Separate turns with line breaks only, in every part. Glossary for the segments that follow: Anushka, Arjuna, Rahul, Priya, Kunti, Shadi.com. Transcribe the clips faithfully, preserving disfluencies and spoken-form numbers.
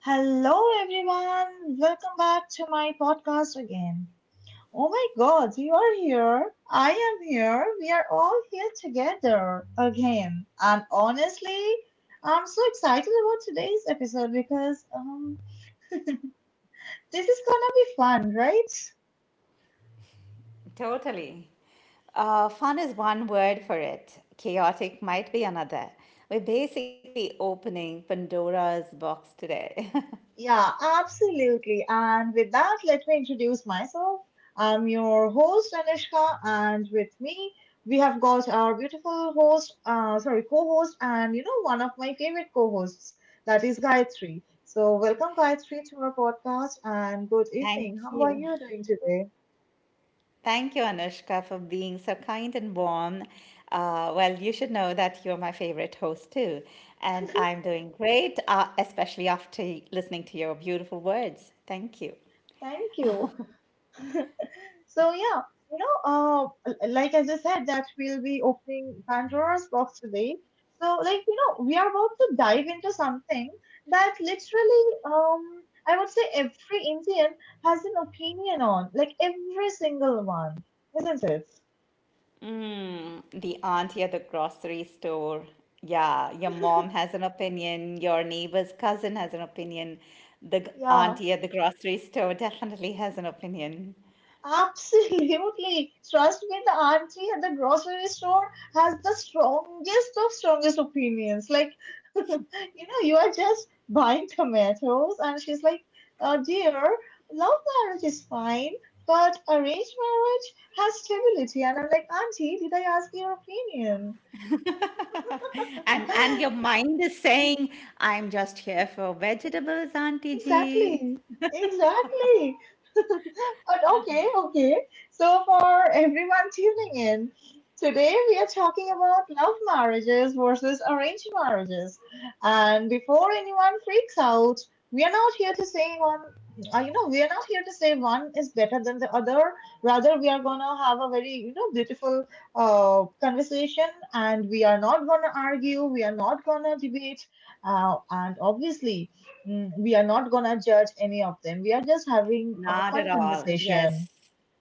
Hello everyone, welcome back to my podcast again. Oh my god, you are here, I am here, we are all here together again. And honestly, I'm so excited about today's episode because um, this is gonna be fun, right?
Totally. Uh, fun is one word for it, chaotic might be another. We're basically opening Pandora's box today.
Yeah, absolutely. And with that, let me introduce myself. I'm your host, Anishka, and with me, we have got our beautiful host, uh, sorry, co host, and you know, one of my favorite co hosts, that is Gayatri. So, welcome, Gayatri, to our podcast, and good
Thank
evening. How are
you.
you doing today?
Thank you, Anushka, for being so kind and warm. Uh, well, you should know that you're my favorite host too. And I'm doing great, uh, especially after listening to your beautiful words. Thank you.
Thank you. So yeah, you know, uh, l- like as I said, that we'll be opening Pandora's box today. So like you know, we are about to dive into something that literally, um, I would say every Indian has an opinion on, like every single one, isn't it?
Hmm, the auntie at the grocery store. Yeah, your mom has an opinion, your neighbor's cousin has an opinion, the g-
Yeah.
auntie at the grocery store definitely has an opinion.
Absolutely. Trust me, the auntie at the grocery store has the strongest of strongest opinions. Like, you know, you are just buying tomatoes, and she's like, uh, dear, love marriage is fine, but arranged marriage has stability. And I'm like, auntie, did I ask your opinion?
And and your mind is saying, I'm just here for vegetables, Auntie G.
Exactly, exactly. But okay, okay. So, for everyone tuning in, today we are talking about love marriages versus arranged marriages. And before anyone freaks out, we are not here to say one, uh, you know, we are not here to say one is better than the other. Rather, we are gonna have a very, you know, beautiful uh, conversation and we are not gonna argue, we are not gonna debate. Uh, and obviously, Mm, we are not gonna judge any of them. We are just having a
Not
fun
at all.
conversation.
Yes,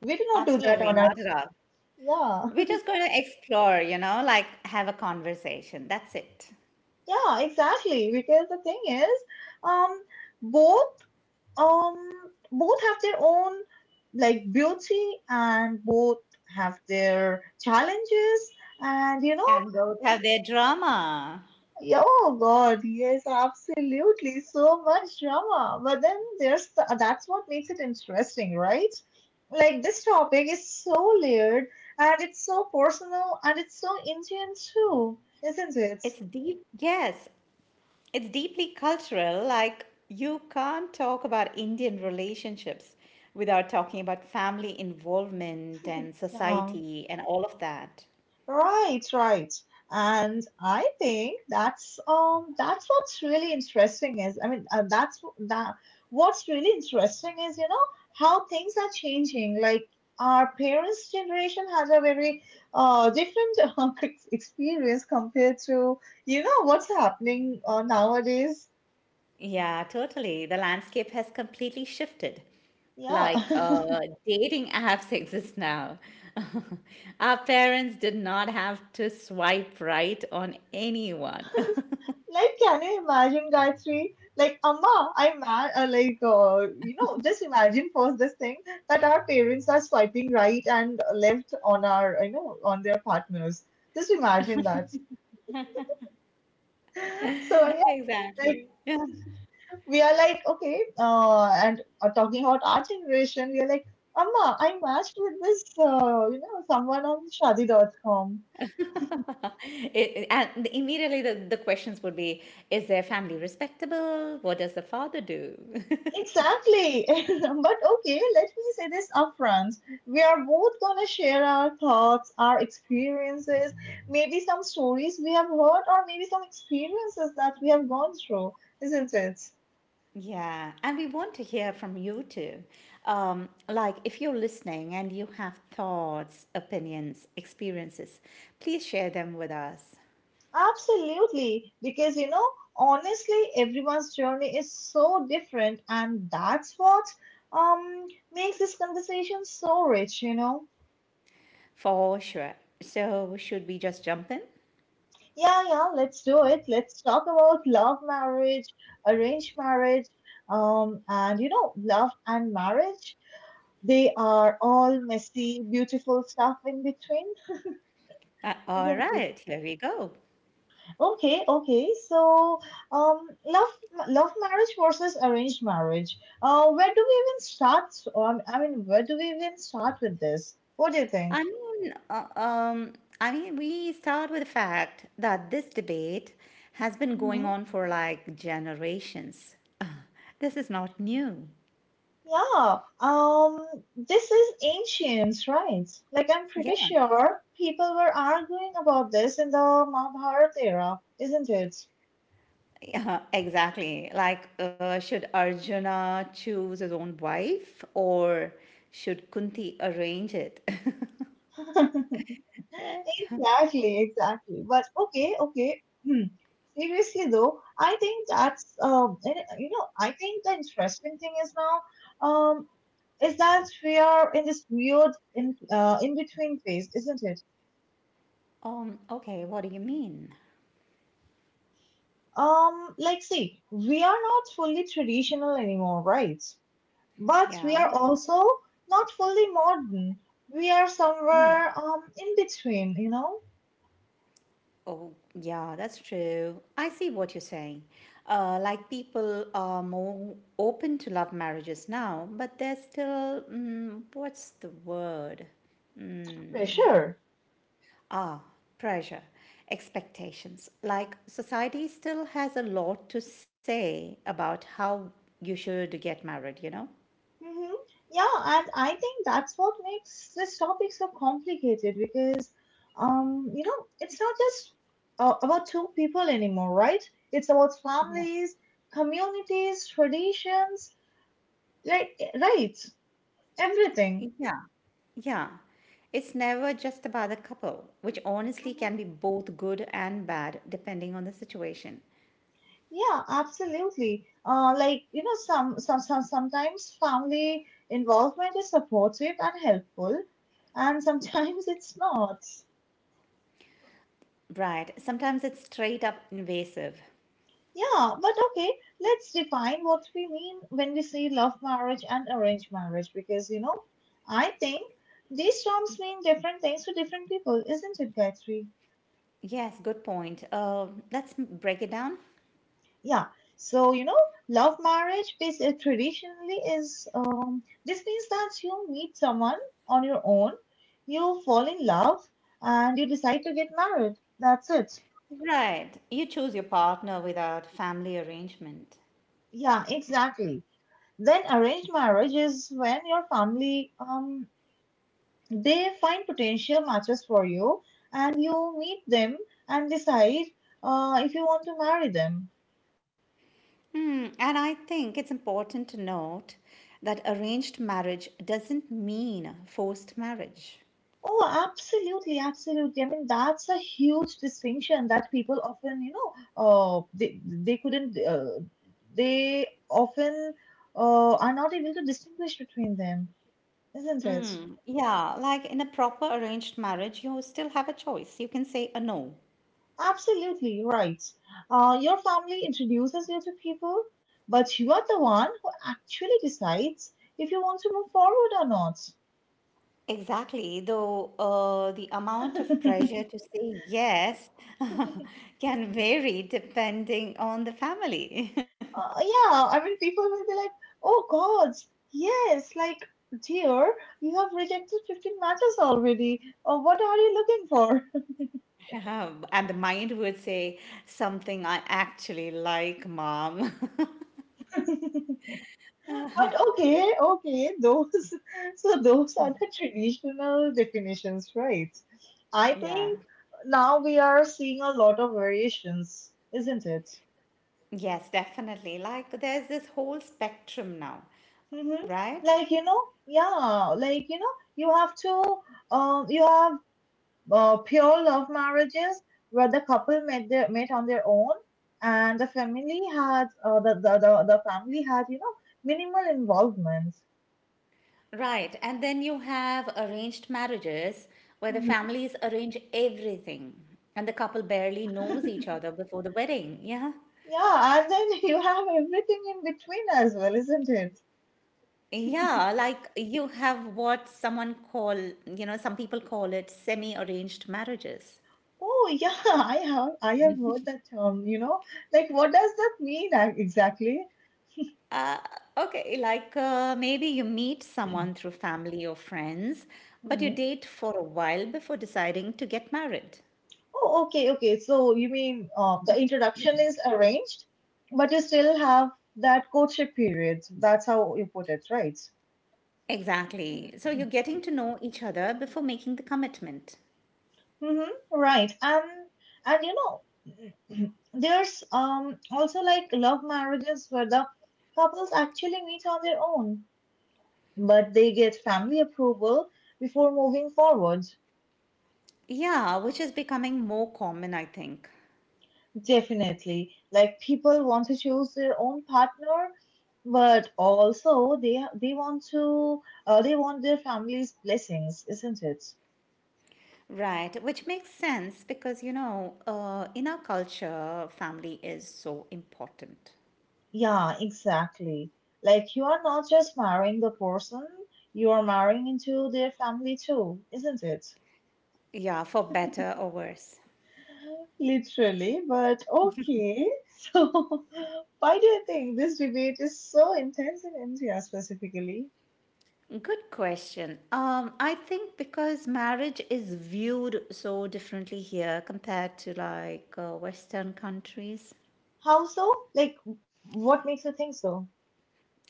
We do not do that
absolutely
on our,
not at all.
yeah.
We're just going to explore, you know, like have a conversation. That's it.
Yeah, exactly, because the thing is, um both, um both have their own like beauty, and both have their challenges, and you know.
And both have their drama.
Yeah, oh God, yes, absolutely. So much drama. But then there's the, that's what makes it interesting, right? Like this topic is so layered, and it's so personal, and it's so Indian too, isn't it?
It's deep, yes, it's deeply cultural. Like you can't talk about Indian relationships without talking about family involvement and
Yeah.
society and all of that.
Right, right. And I think that's um that's what's really interesting is, I mean uh, that's w- that what's really interesting is you know, how things are changing. Like our parents' generation had a very uh different uh, ex- experience compared to you know what's happening uh, nowadays.
Yeah, totally. The landscape has completely shifted.
Yeah.
Like uh, dating apps exist now. Our parents did not have to swipe right on anyone.
Like, can you imagine, Gayatri? Like, Amma, I'm mad. Uh, like, uh, you know, just imagine first this thing that our parents are swiping right and left on our, you know, on their partners. Just imagine that. So, yeah, like,
Exactly.
we are like, okay, uh, and uh, talking about our generation, we are like, Amma, I matched with this, uh, you know, someone on shadi dot com.
It, and immediately the, the questions would be, is their family respectable? What does the father do?
Exactly. But okay, let me say this upfront. We are both gonna share our thoughts, our experiences, maybe some stories we have heard, or maybe some experiences that we have gone through, isn't it?
Yeah, and we want to hear from you too. Um, like, if you're listening and you have thoughts, opinions, experiences, please share them with us
Absolutely. Because, you know, honestly, everyone's journey is so different, and that's what um makes this conversation so rich, you know.
for sure. So, should we just jump in?
Yeah, yeah, let's do it. Let's talk about love marriage, arranged marriage, um, and you know, love and marriage. They are all messy, beautiful stuff in between,
Uh, all
isn't it?
right, here we go.
Okay, okay. So, um, love, love marriage versus arranged marriage. Uh, where do we even start on? I mean, Where do we even start with this? What do you think?
I mean, uh, um, I mean, we start with the fact that this debate has been going on for like generations. This is not new.
Yeah, um, this is ancient, right? Like, I'm pretty
Yeah,
sure people were arguing about this in the Mahabharata era, isn't it?
yeah, exactly. Like, uh, should Arjuna choose his own wife or should Kunti arrange it?
Exactly, exactly. But okay, okay. Hmm. Seriously though, I think that's um, and, uh, you know, I think the interesting thing is now, um, is that we are in this weird in uh in between phase, isn't it?
Um, okay, what do you mean?
Um, like, see, we are not fully traditional anymore, right? But we
Yeah.
are also not fully modern. We are somewhere um in between, you know?
Oh, yeah, that's true. I see what you're saying. Uh, like people are more open to love marriages now, but there's still, mm, what's the word?
Pressure.
Ah, pressure, expectations. Like society still has a lot to say about how you should get married, you know?
Mm-hmm. Yeah, and I think that's what makes this topic so complicated because, um, you know, it's not just uh, about two people anymore, right? It's about
Yeah.
families, communities, traditions, like, right? Everything.
Yeah. Yeah. It's never just about the couple, which honestly can be both good and bad depending on the situation.
Yeah, absolutely. Uh, like you know, some some some sometimes family involvement is supportive and helpful, and sometimes it's not.
Right. Sometimes it's straight up invasive.
Yeah, but okay, let's define what we mean when we say love marriage and arranged marriage because you know, I think these terms mean different things to different people, isn't it, Gayatri?
Yes, good point. Uh, let's m- break it down.
Yeah. So, you know, love marriage bas- uh, traditionally is um, this means that you meet someone on your own, you fall in love, and you decide to get married. That's it.
Right. You choose your partner without family arrangement.
Yeah, exactly. Then arranged marriage is when your family um they find potential matches for you, and you meet them, and decide uh, if you want to marry them.
Hmm. And I think it's important to note that arranged marriage doesn't mean forced marriage.
Oh, absolutely, absolutely. I mean, that's a huge distinction that people often, you know, uh, they they couldn't, uh, they often uh, are not able to distinguish between them, isn't it?
Yeah, like in a proper arranged marriage, you still have a choice. You can say a no.
Absolutely right. Uh, your family introduces you to people, but you are the one who actually decides if you want to move forward or not.
Exactly, though uh, the amount of pressure to say yes can vary depending on the family.
Uh, yeah, I mean, people will be like, oh, gods, yes, like, dear, you have rejected fifteen matches already. Uh, what are you looking
Yeah, and the mind would say something I actually like, mom.
for? But okay, okay, those, so those are the traditional definitions, right? I
Yeah.
think now we are seeing a lot of variations, isn't it?
Yes, definitely. Like there's this whole spectrum now,
Hmm.
right?
Like, you know, yeah, like, you know, you have to, um, you have uh, pure love marriages where the couple met their, met on their own and the family had uh, the, the, the the family had you know minimal involvement.
Right. And then you have arranged marriages where the
Mhm.
families arrange everything and the couple barely knows each other before the wedding. Yeah.
Yeah, and then you have everything in between as well, isn't it?
Yeah, like you have what someone call, you know, some people call it semi-arranged marriages.
Oh yeah, i have I have heard that term you know. Like what does that mean ac- exactly?
Okay, like uh, maybe you meet someone through family or friends, but you
Mhm.
date for a while before deciding to get married.
Oh okay, okay, so you mean, uh, the introduction is arranged, but you still have that courtship period, that's how you put it, right?
Exactly. So you're getting to know each other before making the commitment.
Mm-hmm. Right. And and you know, there's um also like love marriages where the couples actually meet on their own, but they get family approval before moving forward.
Yeah, which is becoming more common, I think.
Definitely. Like people want to choose their own partner, but also they they want to uh, they want their family's blessings, isn't it?
Right, which makes sense because, you know, uh, in our culture, family is so important.
Yeah, exactly. Like you are not just marrying the person, you are marrying into their family too, isn't it?
Yeah, for better or worse.
Literally, but okay. So, why do you think this debate is so intense in India specifically?
Good question. Um, I think because marriage is viewed so differently here compared to like uh, Western countries.
How so? Like, what makes you think so?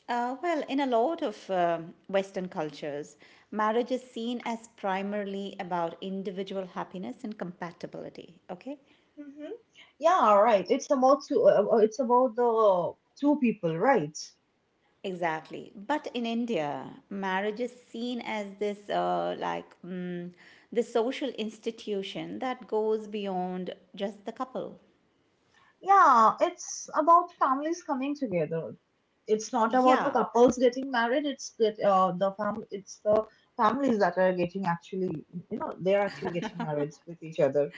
Uh, well, in a lot of um, Western cultures, marriage is seen as primarily about individual happiness and compatibility. Okay.
Hmm. Yeah, right. It's about two. Uh, uh, it's about the two people, right?
Exactly. But in India, marriage is seen as this uh, like mm, the social institution that goes beyond just the couple.
Yeah, it's about families coming together. It's not
Yeah.
about the couples getting married. It's get uh, the fam. It's the families that are getting actually, you know, they are actually getting married with each other.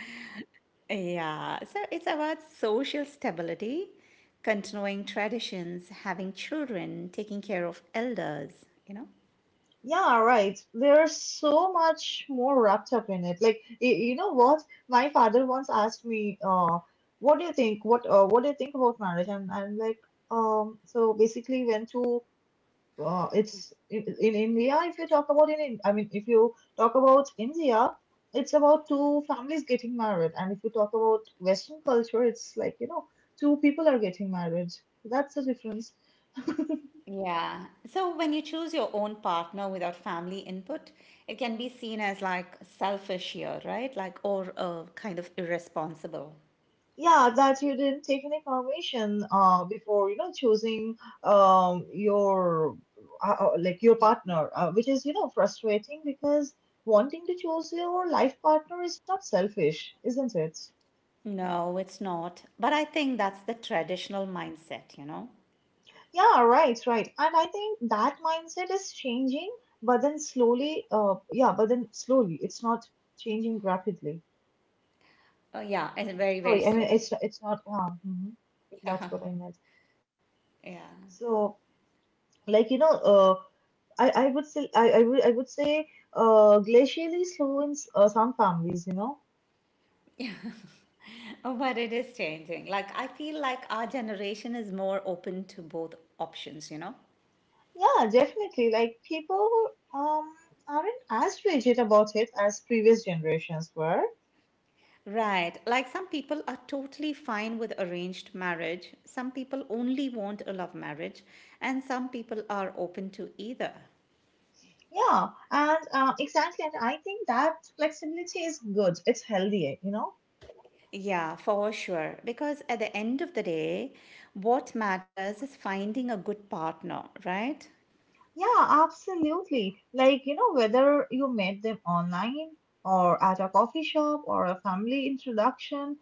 Yeah. So it's about social stability, continuing traditions, having children, taking care of elders, you know?
Yeah, right. There's so much more wrapped up in it. Like, y- you know what? My father once asked me, uh, "What do you think? What uh, what do you think about marriage?" And I'm like, um. So basically, when two uh, it's in, in India. If you talk about in, in- I mean, if you talk about India, it's about two families getting married, and if you talk about Western culture, it's like you know, two people are getting married. So that's the difference.
Yeah. So when you choose your own partner without family input, it can be seen as like selfish here, right? Like, or uh, kind of irresponsible.
Yeah, that you didn't take any permission uh before you know choosing um your uh, uh, like your partner, uh, which is you know frustrating because wanting to choose your life partner is not selfish, isn't it?
No, it's not. But I think that's the traditional mindset, you know?
Yeah, right, right. And I think that mindset is changing, but then slowly, uh, yeah, but then slowly, it's not changing rapidly.
Oh, yeah, and very, very
Sorry, I mean, it's
slowly.
it's not, uh, mhm, that's
Yeah,
what I meant.
yeah.
So, like, you know, uh, I, I would say, I, I would, I would say, uh, glacially slow in s- uh, some families, you know?
Oh, but it is changing. Like, I feel like our generation is more open to both options, you know?
Yeah, definitely. Like, people, um, aren't as rigid about it as previous generations were.
Right. Like, some people are totally fine with arranged marriage, some people only want a love marriage, and some people are open to either.
Yeah, and uh, exactly. And I think that flexibility is good. It's healthy, you know?
Yeah, for sure. Because at the end of the day, what matters is finding a good partner, right?
Yeah, absolutely. Like, you know, whether you met them online or at a coffee shop or a family introduction,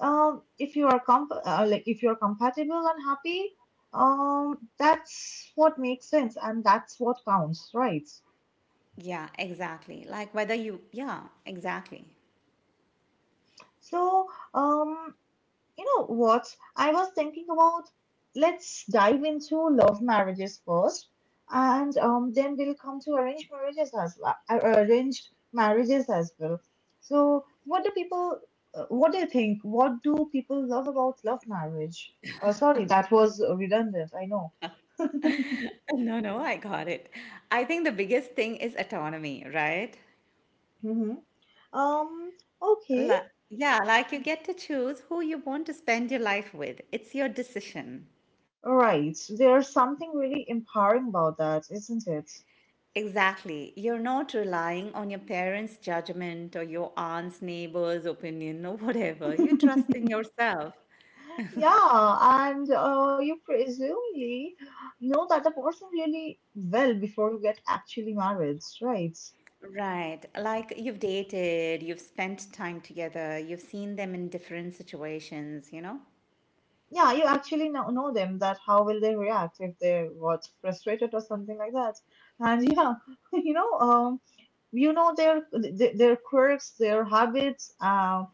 um, if you are comp uh, like if you're compatible and happy, um, that's what makes sense and that's what counts, right?
Yeah, exactly. Like whether you, yeah, exactly.
So, um, you know what? I was thinking about, let's dive into love marriages first, and um, then we'll come to arranged marriages as well. uh, Arranged marriages as well. So, what do people? Uh, What do you think? What do people love about love marriage? Oh, sorry, that was redundant. I know.
No, no, I got it. I think the biggest thing is autonomy, right?
Hmm. Um. Okay.
Like, yeah, like you get to choose who you want to spend your life with. It's your decision.
Right. There's something really empowering about that, isn't it?
Exactly. You're not relying on your parents' judgment or your aunt's neighbor's opinion or whatever. You trust in yourself.
Yeah, and uh, you presumably know that the person really well before you get actually married, right?
Right. Like you've dated, you've spent time together, you've seen them in different situations, you know?
Yeah, you actually know, know them that how will they react if they what frustrated or something like that. And yeah, you know, um, you know their th- their quirks, their habits, um,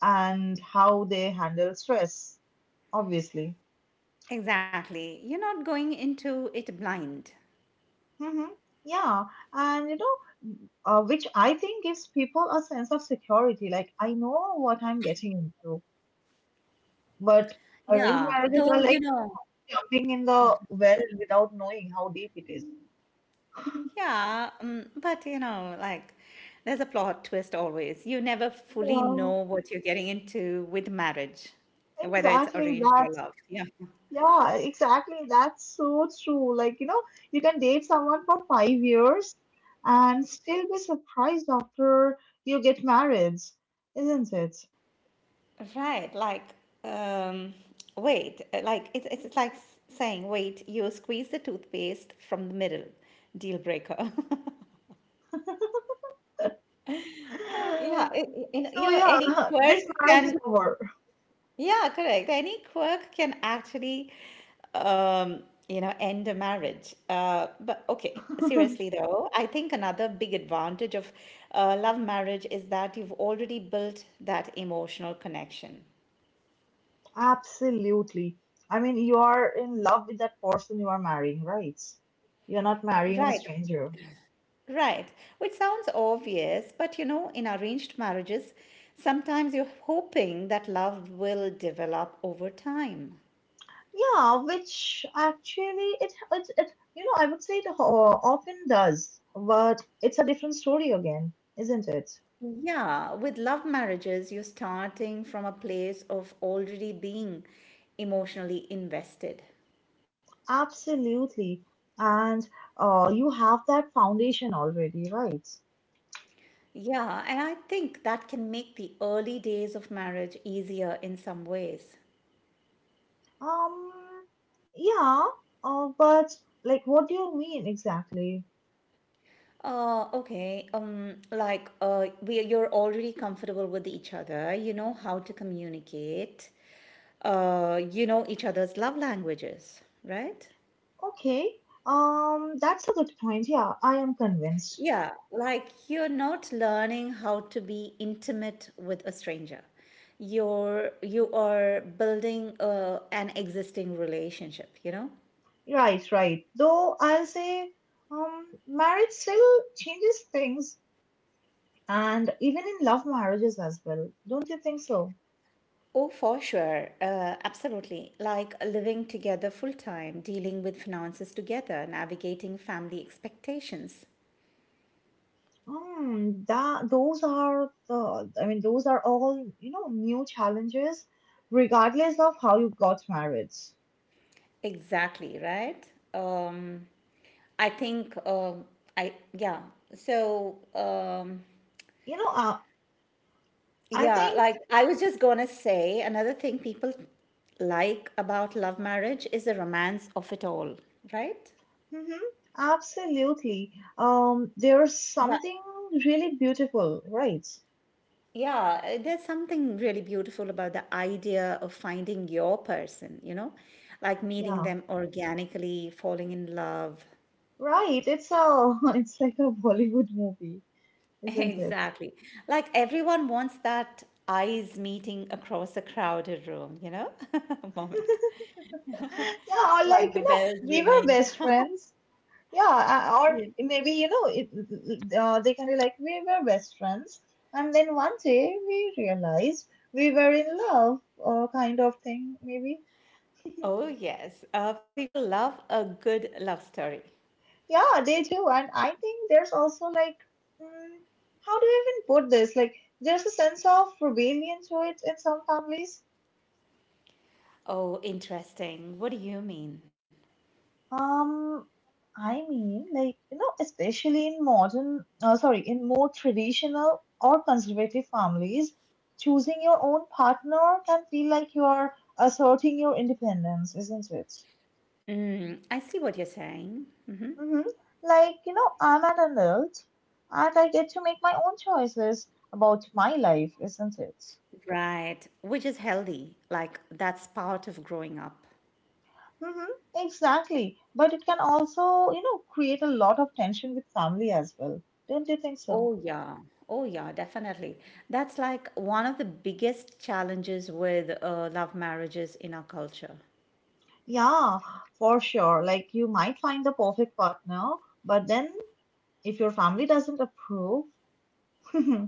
and how they handle stress, obviously.
Exactly. You're not going into it blind.
Mm-hmm. Yeah, and you know, w- uh, which I think gives people a sense of security. Like, I know what I'm getting into, but arranged
Yeah,
marriages
though,
are
you
like
know,
jumping in the well without knowing how deep it is.
yeah, um, but you know, like there's a plot twist always. You never fully
Yeah,
know what you're getting into with marriage, whether it's
exactly.
arranged or
That's,
love. Yeah.
yeah, exactly. That's so true. Like, you know, you can date someone for five years and still be surprised after you get married, isn't it?
Right. Like, um, wait, uh, like it's, it's it's like s- saying, wait, you squeeze the toothpaste from the middle, deal breaker. Uh, Yeah, it, it- you know, you
So
know,
yeah,
any quirk
this marriage is
can.
over.
Yeah, correct. Any quirk can actually, um, you know, end a marriage. Uh, but okay, seriously though, I think another big advantage of uh, love marriage is that you've already built that emotional connection.
Absolutely. I mean, you are in love with that person you are marrying, right? You're not marrying a
Right,
stranger.
right. Which sounds obvious, but you know, in arranged marriages, sometimes you're hoping that love will develop over time.
Yeah, which actually it it, it you know I would say it ho- often does, but it's a different story again, isn't it?
Yeah, with love marriages, you're starting from a place of already being emotionally invested.
Absolutely. And uh, you have that foundation already, right?
Yeah, and I think that can make the early days of marriage easier in some ways.
Um, yeah. Uh, but like, what do you mean exactly?
Uh, okay, um, like uh, we you're already comfortable with each other. You know how to communicate. Uh, you know each other's love languages, right?
Okay, um, that's a good point. Yeah, I am convinced.
Yeah, like you're not learning how to be intimate with a stranger. You're you are building uh, an existing relationship, you know?
Right, right. Though I'll say, um, marriage still changes things, and even in love marriages as well. Don't you think so?
Oh, for sure. Uh, absolutely. Like living together full time, dealing with finances together, navigating family expectations.
Um, that those are the, I mean, those are all, you know, new challenges, regardless of how you got married.
Exactly, right? Um, I think um, I yeah. So um,
You know, uh, I
Yeah,
think,
like I was just gonna say, another thing people like about love marriage is the romance of it all, right?
hmm absolutely. Um, there's
Like,
something really beautiful, right?
yeah, uh, there's something really beautiful about the idea of finding your person, you know, like meeting
Yeah,
them organically, falling in love.
right, it's a it's like a Bollywood movie, isn't it?
Exactly. Like everyone wants that eyes meeting across a crowded room, you know, moment,
Yeah, or
like
like
the
you know,
bells
we were
ringing.
best friends. Yeah, uh, or maybe you know, it, uh, they can be like we were best friends, and then one day we realized we were in love, or kind of thing, maybe.
Oh, yes. Uh, people love a good love story.
Yeah, they do, and I think there's also like, mm, how do you even put this? Like, there's a sense of rebellion to it in some families.
Oh, interesting. What do you mean?
Um, I mean, like, you know, especially in modern, uh, sorry, in more traditional or conservative families, choosing your own partner can feel like you are asserting your independence, isn't it?
Mm, I see what you're saying.
Mm-hmm. Like, you know, I'm an adult and I get to make my own choices about my life, isn't it?
Right. Which is healthy. Like, that's part of growing up.
Mm-hmm. Exactly. But it can also, you know, create a lot of tension with family as well. Don't you think so?
Oh, yeah. Oh, yeah, definitely. That's like one of the biggest challenges with uh, love marriages in our culture.
Yeah, for sure. Like you might find the perfect partner, but then if your family doesn't approve,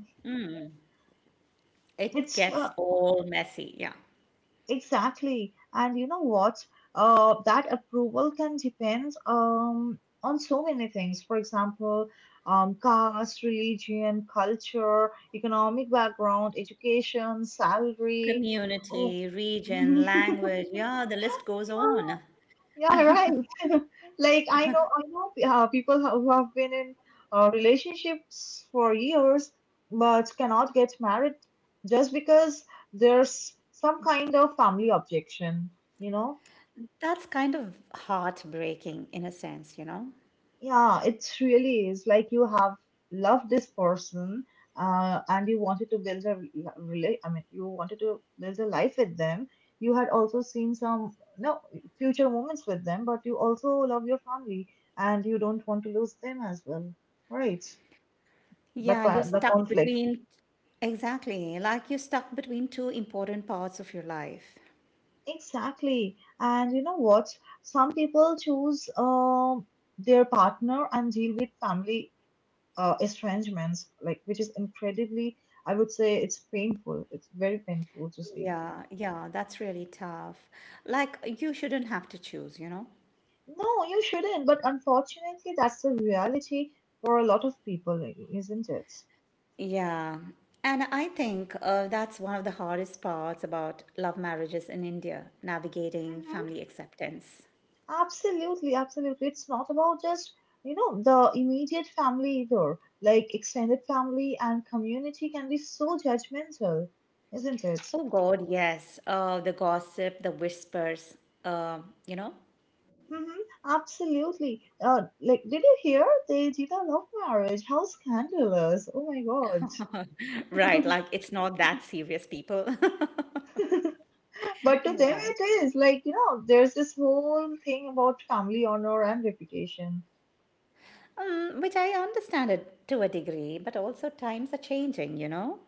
It
it's
gets
uh,
all messy. Yeah.
exactly. And you know what? Uh, that approval can depend um on so many things. For example, um, caste, religion, culture, economic background, education, salary. Oh.
Community, region, language. Yeah, the list goes on.
Yeah, right. Like I know, I know uh, people ho- who have been in uh, relationships for years but cannot get married just because there's some kind of family objection, you know.
That's kind of heartbreaking in a sense, you know?
Yeah, it really is like you have loved this person, uh, and you wanted to build a really, I mean, you wanted to build a life with them. You had also seen some no future moments with them, but you also love your family and you don't want to lose them as well, right? The
Yeah, you're
co- the
stuck
conflict.
between, exactly, like you're stuck between two important parts of your life.
Exactly. And you know what? Some people choose um their partner and deal with family uh, estrangements, like which is incredibly, I would say it's painful. It's very painful to see.
Yeah, yeah, that's really tough. Like, you shouldn't have to choose, you know?
No, you shouldn't. But unfortunately, that's the reality for a lot of people, eh, isn't it?
Yeah. And I think uh, that's one of the hardest parts about love marriages in India, navigating
Mm-hmm.
family acceptance.
Absolutely, absolutely. It's not about just, you know, the immediate family either. Like extended family and community can be so judgmental, isn't it?
Oh God, yes. Uh, the gossip, the whispers, uh, you know.
Mm-hmm. Absolutely. Uh, like, did you hear they did a love marriage? How scandalous. Oh my God.
Right, like it's not that serious, people.
But to them,
Yeah.
it is like, you know, there's this whole thing about family honor and reputation.
Um, which I understand it to a degree, but also times are changing, you know?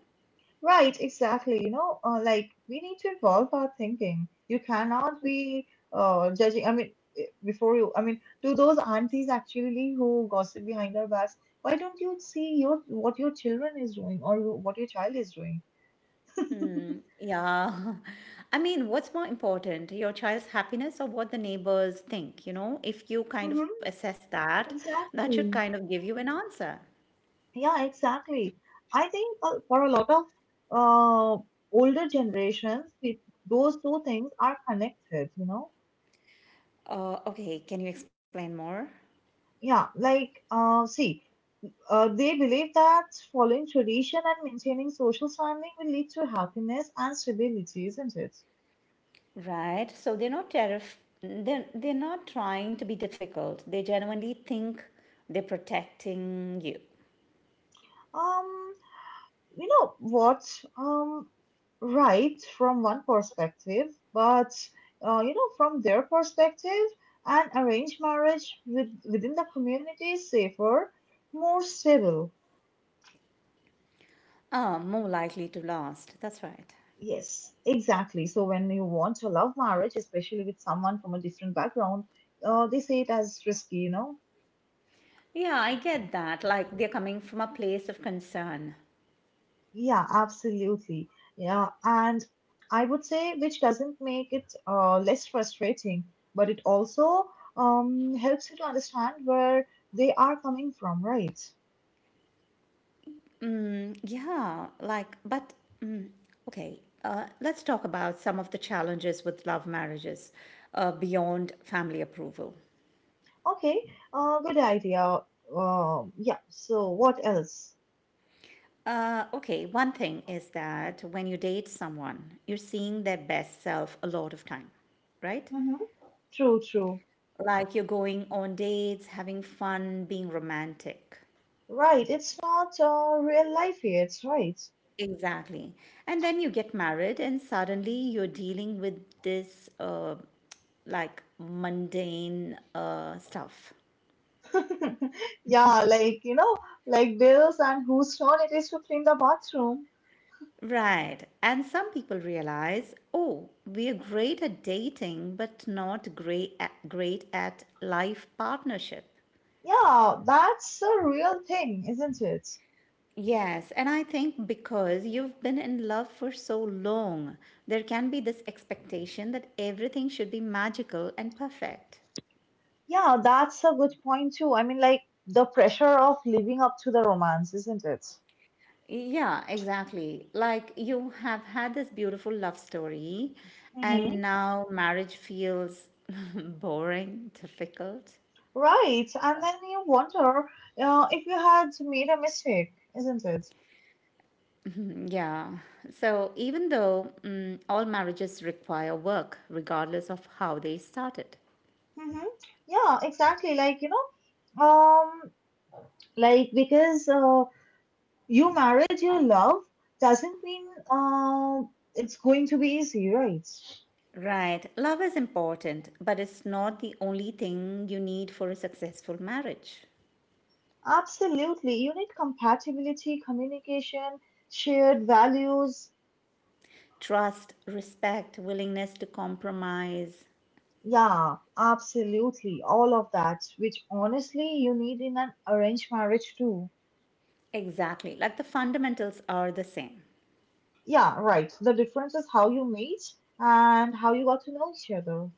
Right, exactly. You know, uh, like we need to evolve our thinking. You cannot be uh, judging. I mean, eh, before you, I mean, to those aunties actually who gossip behind our backs, why don't you see your what your children is doing or what your child is doing?
Yeah. I mean, what's more important, your child's happiness or what the neighbors think, you know? If you kind
Mm-hmm,
of assess that, that should
exactly.
kind of give you an answer.
Yeah, exactly. I think uh, for a lot of uh, older generations, it, those two things are connected, you know?
Uh, okay, can you explain more?
Yeah, like, uh, see, uh, they believe that following tradition and maintaining social standing will lead to happiness and stability, isn't it?
Right. So they're not terrif they're they're not trying to be difficult. They genuinely think they're protecting you.
Um, You know what? Um, right from one perspective, but uh, you know from their perspective, an arranged marriage with, within the community is safer, more stable.
Ah, more likely to last. That's right.
Yes, exactly. So when you want a love marriage, especially with someone from a different background, uh, they say it as risky, you know
Yeah, I get that. Like they're coming from a place of concern.
Yeah, absolutely. Yeah, and I would say which doesn't make it uh, less frustrating, but it also um, helps you to understand where they are coming from, right?
Mm, Yeah, like, but mm, okay, uh, let's talk about some of the challenges with love marriages uh, beyond family approval.
Okay, uh, good idea. Uh, yeah, so what else?
Uh, okay, one thing is that when you date someone, you're seeing their best self a lot of time, right?
Hmm. True, true.
Like you're going on dates, having fun, being romantic.
Right, it's not uh, real life yet, right?
Exactly. And then you get married, and suddenly you're dealing with this uh, like mundane uh, stuff.
Yeah, like, you know, like bills and whose turn it is to clean the bathroom.
Right. And some people realize, oh, we are great at dating, but not great at, great at life partnership.
Yeah, that's a real thing, isn't it?
Yes, and I think because you've been in love for so long, there can be this expectation that everything should be magical and perfect.
Yeah, that's a good point too. I mean, like the pressure of living up to the romance, isn't it?
Yeah, exactly. Like you have had this beautiful love story,
Mm-hmm.
and now marriage feels boring, difficult.
Right. And then you wonder uh, if you had made a mistake, isn't it?
Mm, Yeah. So even though mm, all marriages require work, regardless of how they started.
Mm-hmm. Yeah, exactly. Like, you know, um, like because uh, you married your love doesn't mean uh, it's going to be easy, right?
Right. Love is important, but it's not the only thing you need for a successful marriage.
Absolutely. You need compatibility, communication, shared values.
Trust, respect, willingness to compromise.
Yeah, absolutely. All of that, which honestly you need in an arranged marriage too.
Exactly. Like the fundamentals are the same.
Yeah, right. The difference is how you meet and how you got to know each other.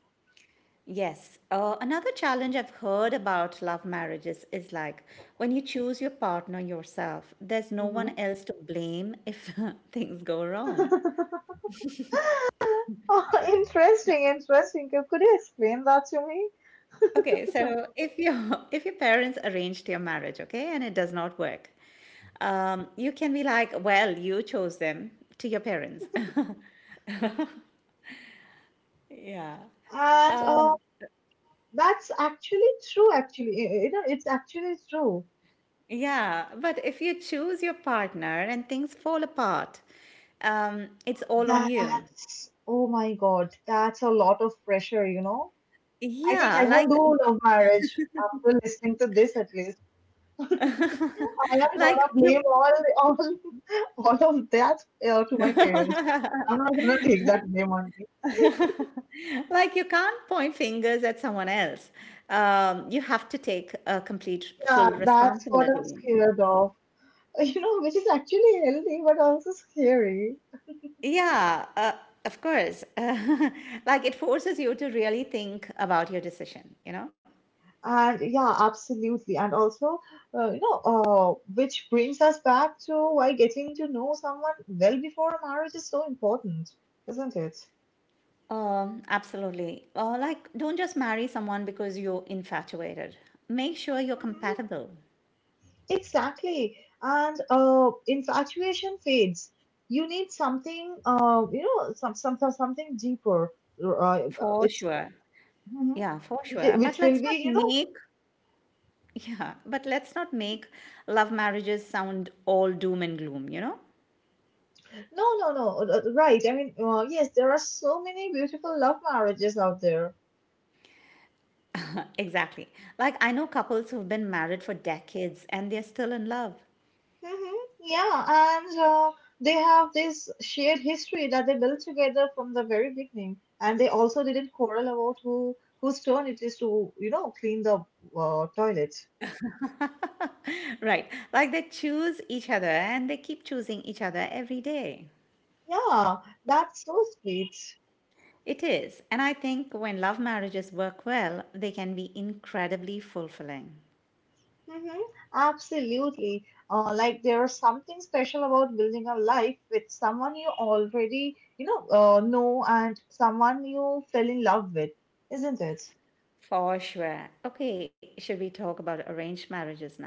Yes. Uh, another challenge I've heard about love marriages is like when you choose your partner yourself, there's no
Hmm.
one else to blame if things go wrong.
Oh, interesting, interesting. Could could you explain that to me?
Okay, so if your if your parents arranged your marriage, okay, and it does not work, um, you can be like, well, you chose them to your parents. Yeah.
And uh,
Um,
that's actually true, actually. You know, it's actually true.
yeah, but if you choose your partner and things fall apart, um, it's all on you.
That's, oh my God, that's a lot of pressure, you know. I think I
Yeah,
won't
like
do love marriage after listening to this at least. I am
like
gonna
you
blame all all, all of that uh, to my parents. I'm not gonna take that blame on me.
like you can't point fingers at someone else. Um, you have to take a complete
Yeah,
full
that's what I'm
responsibility.
scared of. You know, which is actually healthy but also scary.
Yeah, uh, of course. like it forces you to really think about your decision, you know?
And yeah, absolutely. And also, uh, you know, uh, which brings us back to why getting to know someone well before a marriage is so important, isn't it?
Um, absolutely. Uh, like, don't just marry someone because you're infatuated. Make sure you're
Mhm.
compatible.
Exactly. And uh, infatuation fades. You need something, uh, you know, some, some, some something deeper. Uh,
For
it's
sure.
Mhm.
Yeah, for
which,
sure. But
which will
let's not
be, you know,
make Yeah, but let's not make love marriages sound all doom and gloom, you know?
no, no, no, uh, right. I mean, uh, yes, there are so many beautiful love marriages out there.
Exactly. Like, I know couples who've been married for decades and they're still in love.
Mm-hmm. Yeah, and uh, they have this shared history that they built together from the very beginning, and they also didn't quarrel about who whose turn it is to, you know, clean the uh, toilet.
Right. Like, they choose each other and they keep choosing each other every day.
Yeah, that's so sweet.
It is. And I think when love marriages work well, they can be incredibly fulfilling.
Mm-hmm. Absolutely. Uh, like there's something special about building a life with someone you already, you know, uh, know and someone you fell in love with, isn't it?
For sure. Okay, should we talk about arranged marriages now?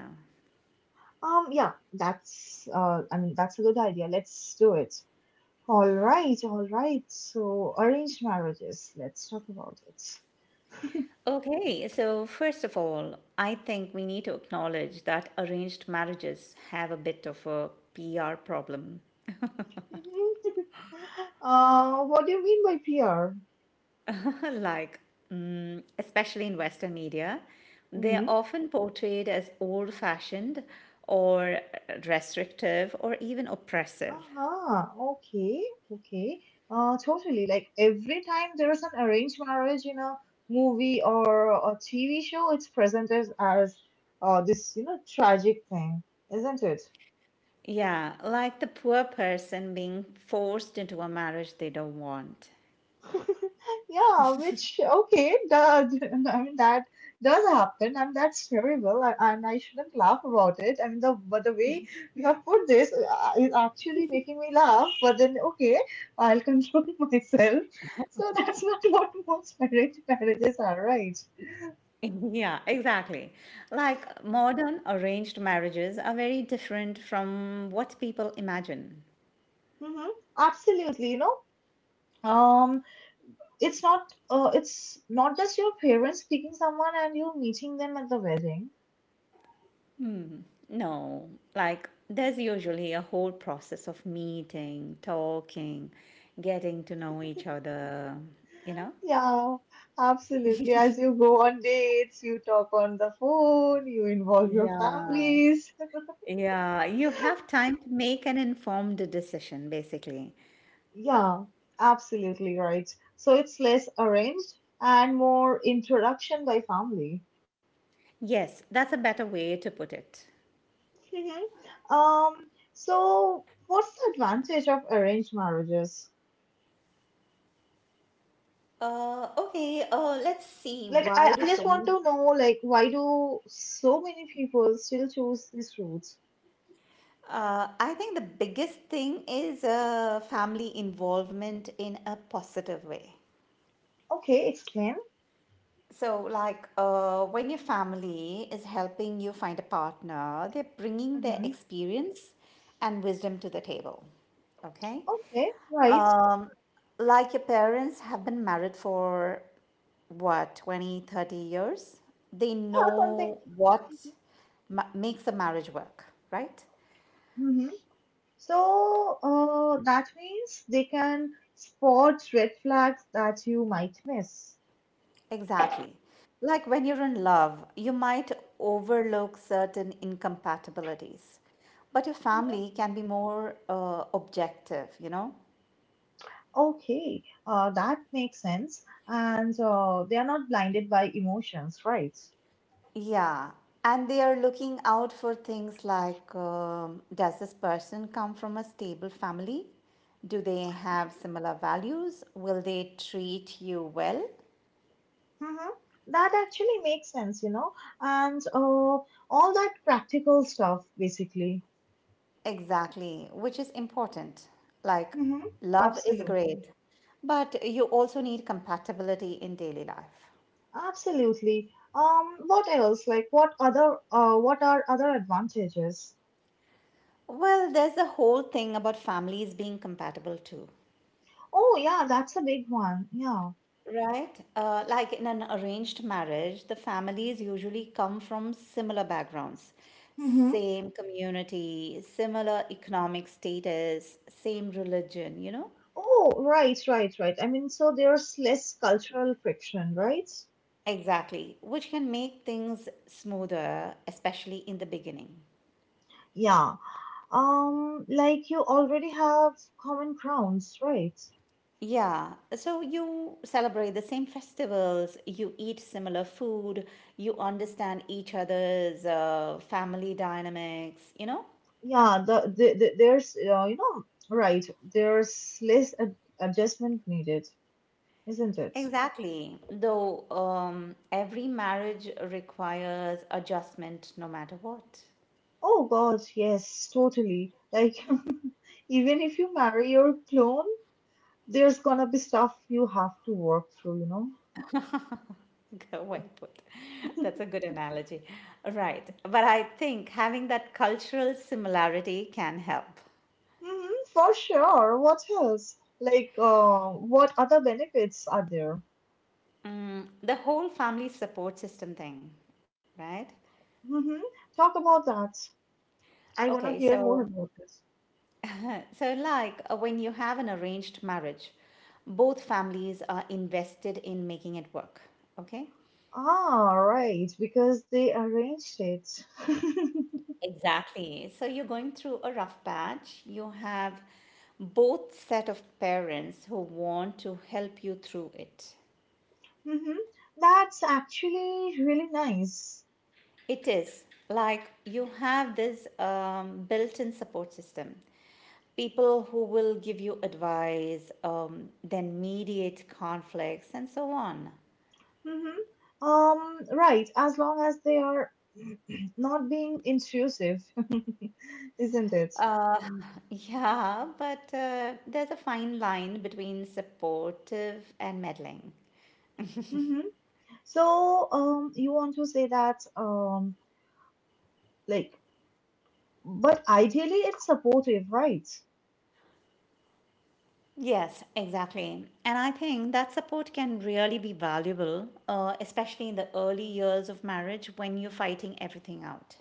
Um, yeah, that's uh, I mean, that's a good idea. Let's do it. All right, all right. So, arranged marriages. Let's talk about it.
Okay, so first of all, I think we need to acknowledge that arranged marriages have a bit of a P R problem.
Uh, what do you mean by P R?
Like, mm, especially in Western media, they're
Mm-hmm.
often portrayed as old-fashioned or restrictive or even oppressive.
Ah, okay, okay. Uh, totally. Like every time there is an arranged marriage in a movie or a T V show, it's presented as uh, this, you know, tragic thing, isn't it?
Yeah, like the poor person being forced into a marriage they don't want.
Yeah, which okay, the, I mean that does happen, and that's terrible, and and I shouldn't laugh about it. I mean the but the way you have put this uh, is actually making me laugh. But then okay, I'll control myself. So that's not what most marriage marriages are, right?
Yeah, exactly. Like modern arranged marriages are very different from what people imagine.
Mm-hmm. Absolutely, you know, um, it's not uh, it's not just your parents picking someone and you meeting them at the wedding.
No, like there's usually a whole process of meeting, talking, getting to know each other, you know?
Yeah, absolutely. As you go on dates, you talk on the phone, you involve your
Yeah.
families.
Yeah, you have time to make an informed decision, basically.
Yeah, absolutely right. So it's less arranged and more introduction by family.
Yes, that's a better way to put it.
Mhm. Um, so what's the advantage of arranged marriages?
Uh, okay, uh, let's see.
Like,
Why
I,
do
I just
so
want
many
to know, like, why do so many people still choose this route?
Uh, I think the biggest thing is uh, family involvement in a positive way.
Okay, explain.
So, like uh, when your family is helping you find a partner, they're bringing their
Hmm.
experience and wisdom to the table. Okay.
Okay, right.
Um, like your parents have been married for what, twenty, thirty years? They
Yeah, something.
know what ma- makes a marriage work, right?
Mm-hmm. So uh, that means they can spot red flags that you might miss.
Exactly. Like when you're in love, you might overlook certain incompatibilities, but your family can be more uh, objective, you know?
Okay, uh, that makes sense. And uh, they are not blinded by emotions, right?
Yeah. And they are looking out for things like um, does this person come from a stable family? Do they have similar values? Will they treat you well?
Mm-hmm. That actually makes sense, you know. And uh, all that practical stuff, basically.
Exactly, which is important. Like,
Mm-hmm.
love is
Absolutely.
great, but you also need compatibility in daily life.
Absolutely. Um, what else? Like, what other? Uh, what are other advantages?
Well, there's the whole thing about families being compatible too,
Oh, yeah, that's a big one. Yeah.
right? Uh, like in an arranged marriage, the families usually come from similar backgrounds,
Mm-hmm.
same community, similar economic status, same religion, you know?
Oh, right, right, right. I mean, so there's less cultural friction, right?
Exactly, which can make things smoother, especially in the beginning.
Yeah. Um, like you already have common grounds, right?
Yeah, so you celebrate the same festivals, you eat similar food, you understand each other's uh, family dynamics, you know?
Yeah, the, the, the there's uh, you know, right, there's less ad adjustment needed, isn't it?
Exactly. Though um, every marriage requires adjustment no matter what.
Oh God, yes, totally. Like even if you marry your clone, there's gonna be stuff you have to work through, you know?
Go well put. That's a good analogy. Right. But I think having that cultural similarity can help.
Mhm, for sure. What else? Like, uh, what other benefits are there?
Mm, the whole family support system thing, right?
hmm Talk about that. I want
Okay,
to hear more
so
about this.
So, like uh, when you have an arranged marriage, both families are invested in making it work. Okay.
Ah, right, because they arranged it.
Exactly. So, you're going through a rough patch. You have both set of parents who want to help you through it.
hmm That's actually really nice.
It is like you have this um, built in support system. People who will give you advice, um, then mediate conflicts, and so on.
hmm Um, right, as long as they are not being intrusive, isn't it?
Yeah, but uh, there's a fine line between supportive and meddling.
hmm So, um, you want to say that, um, like but ideally, it's supportive, right?
Yes, exactly. And I think that support can really be valuable, uh, especially in the early years of marriage when you're fighting everything out.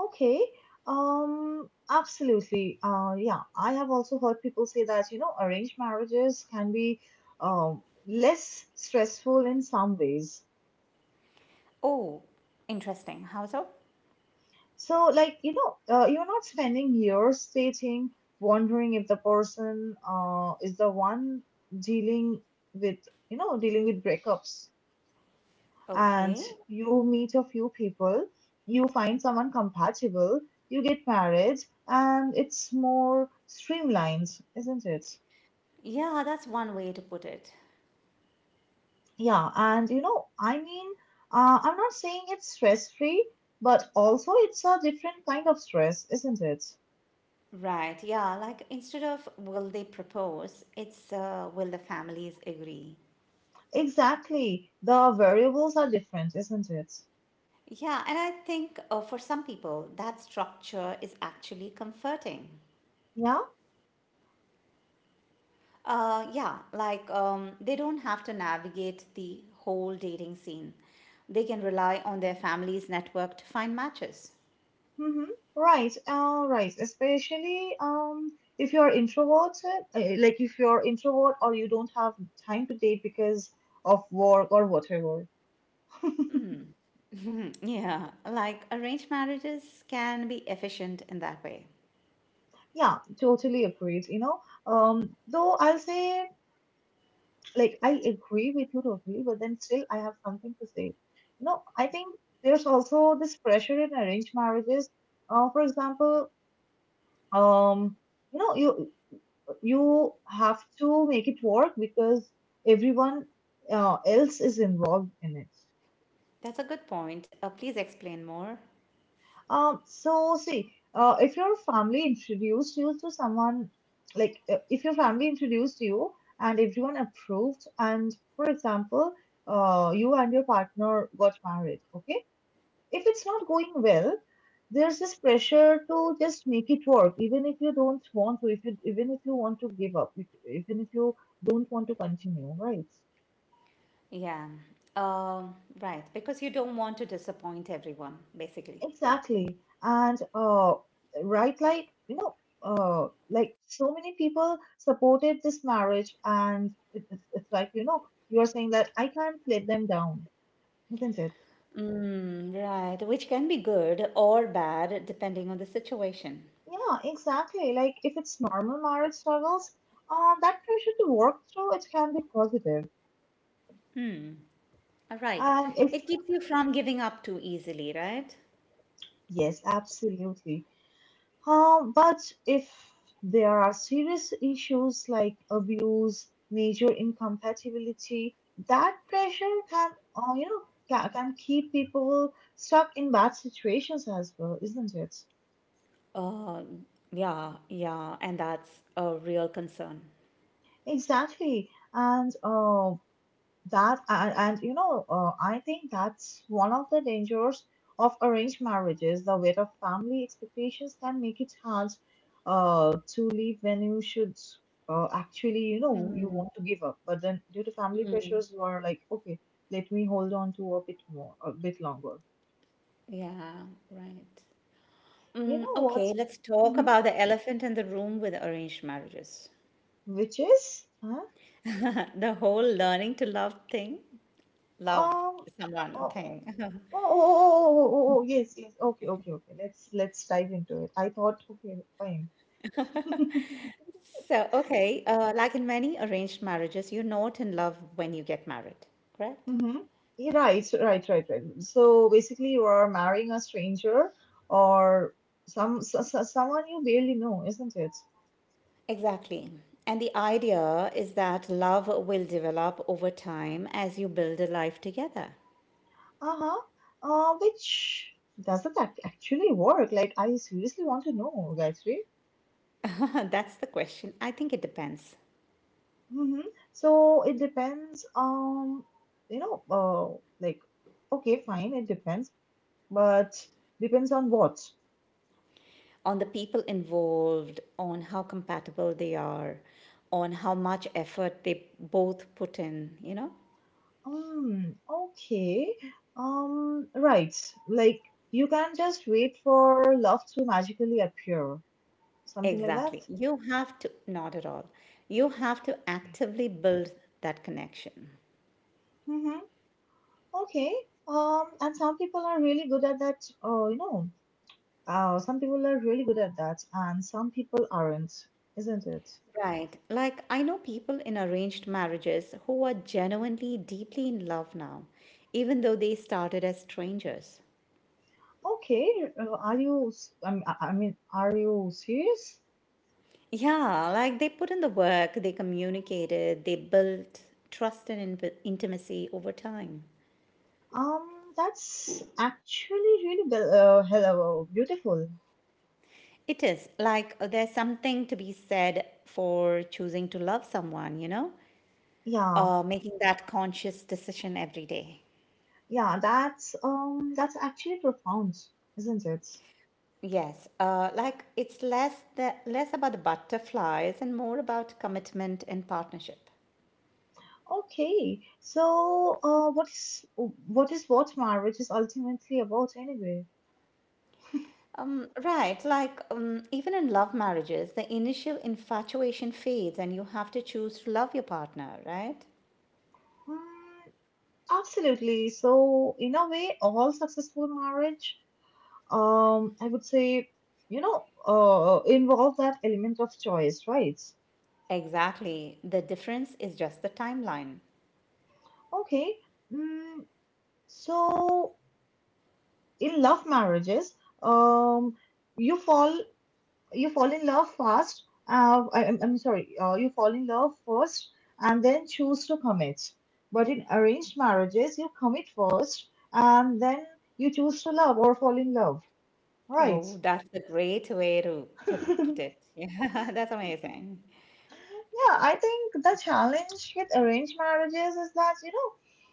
Okay. Um, absolutely. Uh, yeah, I have also heard people say that, you know, arranged marriages can be um, less stressful in some ways.
Oh, interesting. How so?
So, like, you know, uh, you're not spending years dating, wondering if the person uh, is the one dealing with, you know, dealing with breakups. And
Okay.
you meet a few people, you find someone compatible, you get married, and it's more streamlined, isn't it?
Yeah, that's one way to put it.
Yeah, and you know, I mean, uh, I'm not saying it's stress free, but also it's a different kind of stress, isn't it?
Right. Yeah, like instead of will they propose, it's uh, will the families agree?
Exactly. The variables are different, isn't it?
Yeah, and I think uh, for some people, that structure is actually comforting.
Yeah.
Uh, yeah, like um, they don't have to navigate the whole dating scene. They can rely on their family's network to find matches.
Mm-hmm. Right, uh, right. Especially um, if you're introverted, uh, like if you're introvert or you don't have time to date because of work or whatever.
yeah, like arranged marriages can be efficient in that way.
Yeah, totally agreed. You know, um, though I'll say like I agree with you totally, but then still I have something to say. You know, I think there's also this pressure in arranged marriages. Uh, for example, um, you know, you you have to make it work because everyone uh, else is involved in it.
That's a good point. Uh, please explain more.
Um, so see, uh, if your family introduced you to someone, like uh, if your family introduced you and everyone approved, and for example, uh, you and your partner got married, okay? If it's not going well, there's this pressure to just make it work, even if you don't want to, if you even if you want to give up, if, even if you don't want to continue, right?
Yeah, um, right, because you don't want to disappoint everyone, basically.
Exactly. And uh, right, like, you know, uh, like so many people supported this marriage, and it, it's, it's like, you know, you are saying that I can't let them down, isn't it?
Mm, right, which can be good or bad depending on the situation.
Yeah, exactly. Like, if it's normal marriage struggles, uh, that pressure to work through it can be positive.
All right.
And if,
It keeps you from giving up too easily, right?
Yes, absolutely. Uh, but if there are serious issues like abuse, major incompatibility, that pressure can, uh, you know, ca- can keep people stuck in bad situations as well, isn't it?
Uh, yeah, yeah, and that's a real concern.
Exactly. And uh, That and, and you know, uh, I think that's one of the dangers of arranged marriages. The weight of family expectations can make it hard uh, to leave when you should uh, actually, you know, you want to give up. But then, due to family pressures, you are like, okay, let me hold on to a bit more, a bit longer.
Yeah, right.
You
Mm,
know
okay,
what?
let's talk
hmm
about the elephant in the room with arranged marriages.
Which is, huh?
The whole learning to love thing. Love
Um,
someone
oh, oh, oh, oh,
thing.
oh, oh, oh, oh, oh, yes, yes. Okay, okay, okay. Let's let's dive into it. I thought, okay, fine.
So, okay, uh, like in many arranged marriages, you're not in love when you get married, correct?
Mhm. Yeah, right, right, right, right. So basically, you are marrying a stranger or some s s- someone you barely know, isn't it?
Exactly. And the idea is that love will develop over time as you build a life together.
Uh-huh. Uh, which doesn't ac- actually work. Like, I seriously want to know, Gayatri.
That's the question. I think it depends
Mm-hmm. So it depends. Um, you know, uh, like, okay, fine, it depends, but depends on what?
on the people involved, on how compatible they are, on how much effort they both put in, you know?
Um, okay. Um, right. Like you can just wait for love to magically appear. Something like that.
Exactly. You have to, not at all. You have to actively build that connection.
Mm-hmm. Okay. Um, and some people are really good at that. Oh, you know. Uh, some people are really good at that, and some people aren't, isn't it?
Right. Like, I know people in arranged marriages who are genuinely deeply in love now, even though they started as strangers.
Okay. uh, Are you? s- I mean, I I mean, are you serious?
Yeah, like they put in the work, they communicated, they built trust and in- intimacy over time.
Um, that's actually really be- uh, hello, beautiful.
It is like uh, there's something to be said for choosing to love someone, you know,
Yeah.
uh, making that conscious decision every day.
Yeah, that's um that's actually profound, isn't it?
Yes, uh, like it's less the less about the butterflies and more about commitment and partnership.
Okay. So, uh what is what is what marriage is ultimately about anyway?
Um, right, like um, even in love marriages, the initial infatuation fades and you have to choose to love your partner, right?
Mm, absolutely. So, in a way, all successful marriage, um I would say, you know, uh involve that element of choice, right?
Exactly. The difference is just the timeline.
Okay. Mm, so in love marriages, um you fall you fall in love fast. Uh, I, am I'm I'm sorry, uh, you fall in love first and then choose to commit. But in arranged marriages, you commit first and then you choose to love or fall in love, right?
Oh, that's a great way to put put it. Yeah, that's amazing.
Yeah, I think the challenge with arranged marriages is that, you know,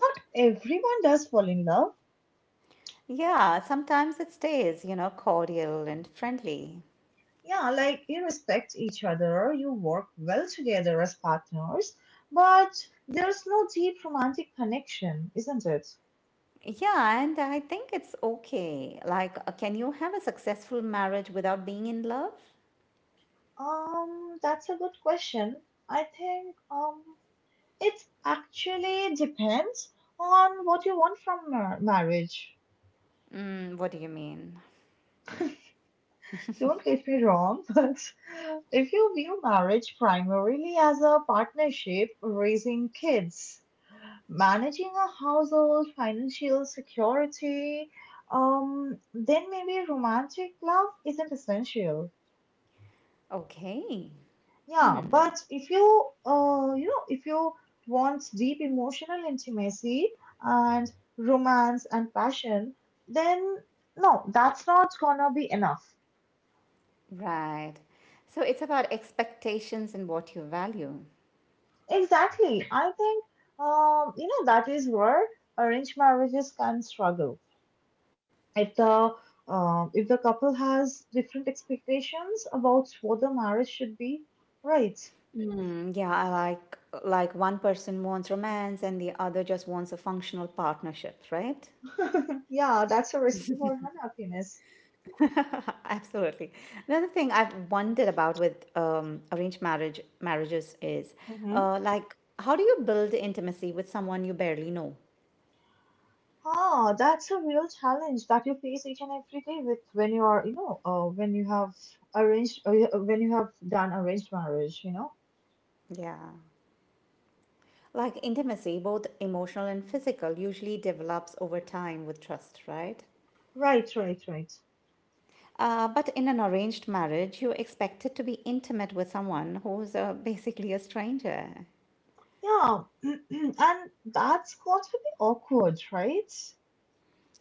not everyone does fall in love.
Yeah, sometimes it stays, you know, cordial and friendly.
Yeah, like you respect each other, you work well together as partners, but there's no deep romantic connection, isn't it?
Yeah, and I think it's okay. Like, uh, can you have a successful marriage without being in love?
Um, that's a good question. I think um, it actually depends on what you want from mar- marriage.
Mm, what do you mean?
Don't get me wrong, but if you view marriage primarily as a partnership, raising kids, managing a household, financial security, um, then maybe romantic love isn't essential.
Okay.
Yeah,
Hmm.
but if you, uh, you know, if you want deep emotional intimacy and romance and passion, then no, that's not gonna be enough.
Right. So it's about expectations and what you value.
Exactly. I think, um, you know, that is where arranged marriages can struggle. If the um, if the couple has different expectations about what the marriage should be, right?
Hmm. Yeah, I like like one person wants romance and the other just wants a functional partnership, right?
Yeah, that's a recipe for unhappiness.
Absolutely. Another thing I've wondered about with um, arranged marriage marriages is
Mm-hmm.
uh, like how do you build intimacy with someone you barely know?
Ah, that's a real challenge that you face each and every day with when you are, you know, uh, when you have arranged, uh, you- uh, when you have done arranged marriage, you know.
Yeah. Like intimacy, both emotional and physical, usually develops over time with trust, right?
Right, right, right.
Uh, but in an arranged marriage, you're expected to be intimate with someone who's uh, basically a stranger.
Yeah, and that's got to be awkward, right?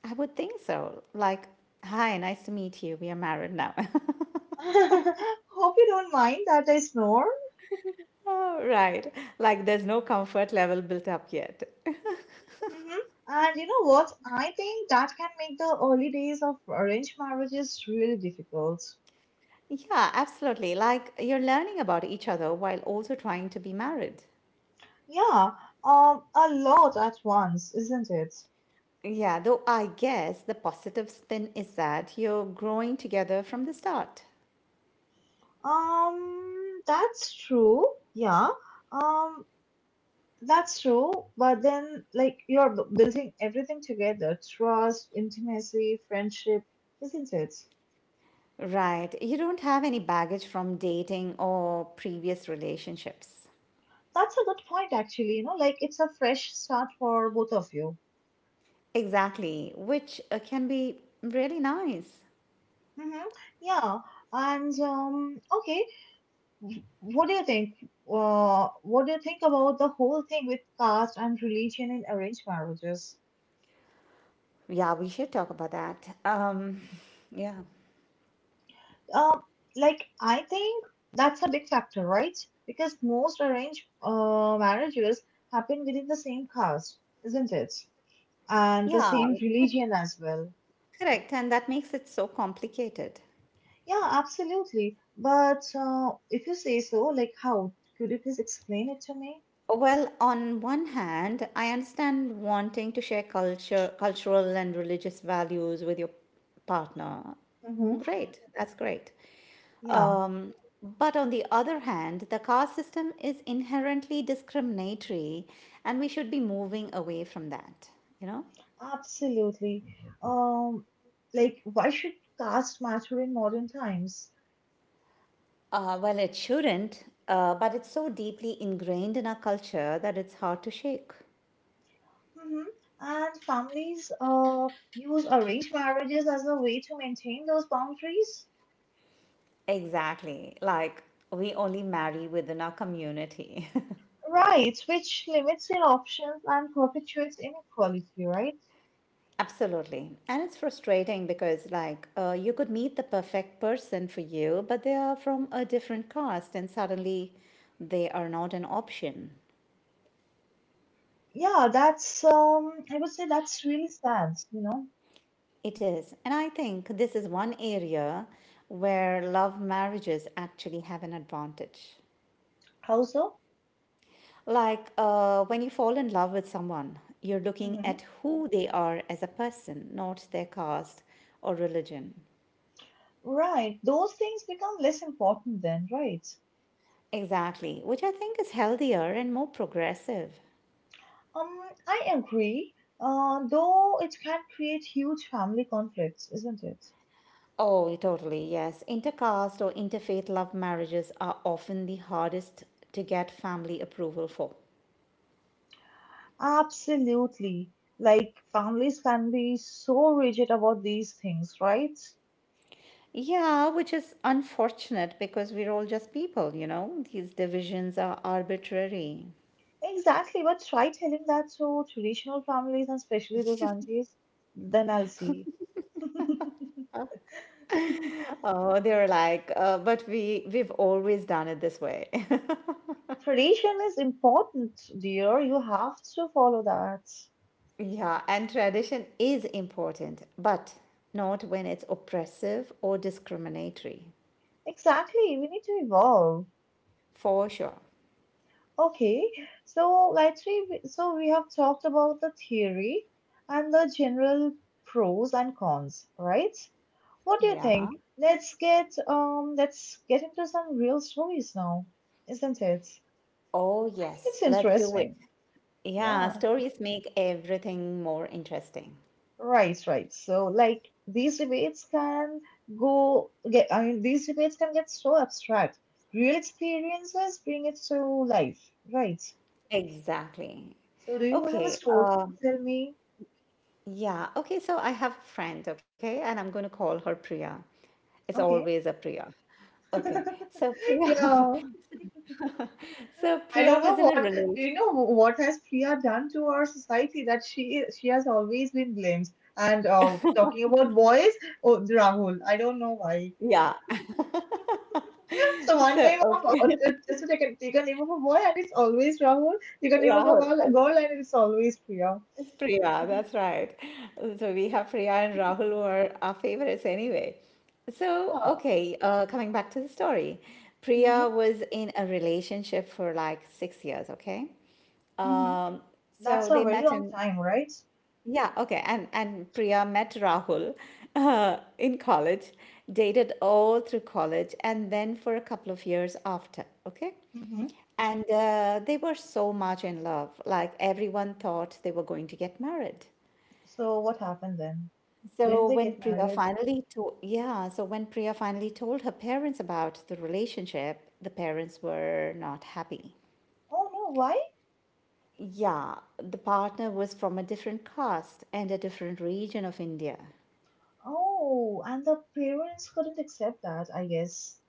I would think so. Like, hi, nice to meet you. We are married now.
Hope you don't mind that I snore.
Oh, right. Like there's no comfort level built up yet.
hmm And you know what? I think that can make the early days of arranged marriages really difficult.
Yeah, absolutely. Like you're learning about each other while also trying to be married.
Yeah, um, a lot at once, isn't it?
Yeah, though I guess the positive spin is that you're growing together from the start.
Um, that's true. Yeah. Um, that's true. But then, like, you're b- building everything together, trust, intimacy, friendship, isn't it?
Right. You don't have any baggage from dating or previous relationships.
That's a good point, actually. You know, like, it's a fresh start for both of you.
Exactly, which uh, can be really nice.
Mm-hmm. Yeah. And um, okay. w- What do you think? Uh, what do you think about the whole thing with caste and religion in arranged marriages?
Yeah, we should talk about that. Um, yeah.
Um, like I think that's a big factor, right? Because most arranged uh, marriages happen within the same caste, isn't it? And the
Yeah,
same religion as well.
correct. And that makes it so complicated.
Yeah, absolutely. But uh, if you say so, like how? Could you please explain it to me?
Well, on one hand, I understand wanting to share culture, cultural and religious values with your partner.
Mm-hmm.
Great, that's great.
Yeah,
Um, but on the other hand, the caste system is inherently discriminatory, and we should be moving away from that, you know?
absolutely. Um, like why should caste matter in modern times?
Uh, well, it shouldn't, uh, but it's so deeply ingrained in our culture that it's hard to shake.
Mhm. And families uh, use arranged marriages as a way to maintain those boundaries.
Exactly. Like, we only marry within our community.
Right, which limits your options and perpetuates inequality, right?
Absolutely. And it's frustrating because, like, uh, you could meet the perfect person for you, but they are from a different caste and suddenly they are not an option.
Yeah, that's um, I would say that's really sad. You know.
It is. And I think this is one area where love marriages actually have an advantage.
How so?
Like, uh, when you fall in love with someone, you're looking
hmm
at who they are as a person, not their caste or religion.
Right, those things become less important then, right?
Exactly, which I think is healthier and more progressive.
Um, I agree. Uh, though it can create huge family conflicts, isn't it?
Oh, totally, yes. Intercaste or interfaith love marriages are often the hardest to get family approval for.
Absolutely. Like families can be so rigid about these things, right?
Yeah, which is unfortunate because we're all just people, you know. These divisions are arbitrary.
Exactly. But try telling that to traditional families and especially those aunties, then I'll see.
Oh, they're like, uh, but we we've always done it this way.
Tradition is important, dear. You have to follow that.
Yeah, and tradition is important, but not when it's oppressive or discriminatory.
Exactly. We need to evolve.
For sure.
Okay. So, Gayatri, we- so we have talked about the theory and the general pros and cons, right? What do you
Yeah.
think? Let's get um let's get into some real stories now, isn't it?
Oh,
I think
yes.
it's
Let's do it.
interesting.
Yeah,
Yeah.
stories make everything more interesting.
Right, right. So like these debates can go get I mean these debates can get so abstract. Real experiences bring it to life. Right.
Exactly.
So do you have a
Okay.
story
Uh,
to tell me?
yeah. Okay. So I have a friend. Okay, and I'm going to call her Priya. It's
Okay.
always a Priya. Okay. So Priya.
Yeah.
so
I don't
Priya
know
was in a
what do you
relation.
know what has Priya done to our society that she she has always been blamed. And uh, talking about boys, oh, Rahul, I don't know why.
Yeah.
So one
so
name of uh,
okay,
uh, just to take a, take a name of a boy and it's always Rahul. Take a name of a
Rahul.
girl, a girl and it's always Priya.
It's Priya, that's right. So we have Priya and Rahul who are our favorites anyway. So,
Ah,
okay, uh, coming back to the story.
hmm.
Priya was in a relationship for like six years, okay?
hmm
Um, so
That's a
they
very
met
long
in,
time, right?
yeah, okay. And, and Priya met Rahul uh, in college, dated all through college, and then for a couple of years after, okay?
hmm
And uh, they were so much in love. Like everyone thought they were going to get married.
So what happened then?
So
Didn't they
when
get
Priya
married?
finally told, yeah, so when Priya finally told her parents about the relationship, the parents were not happy.
Oh no, why?
Yeah, the partner was from a different caste and a different region of India.
Oh, and the parents couldn't accept that, I guess.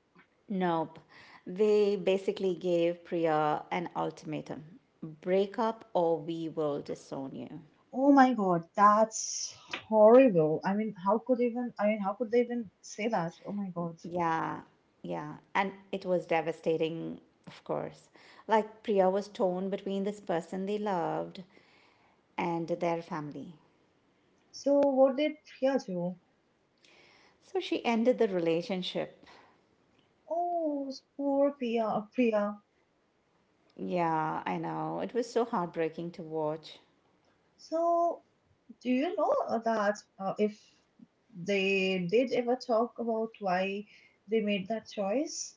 Nope. They basically gave Priya an ultimatum. Break up or we will disown you.
Oh my God, that's horrible. I mean, how could even, I mean, how could they even say that? Oh my God.
Yeah, yeah. And it was devastating, of course. Like Priya was torn between this person they loved and their family.
So what did Priya do?
So she ended the relationship.
Oh, poor Priya, uh, Priya.
Yeah, I know. It was so heartbreaking to watch.
So do you know uh, that uh, if they did ever talk about why they made that choice?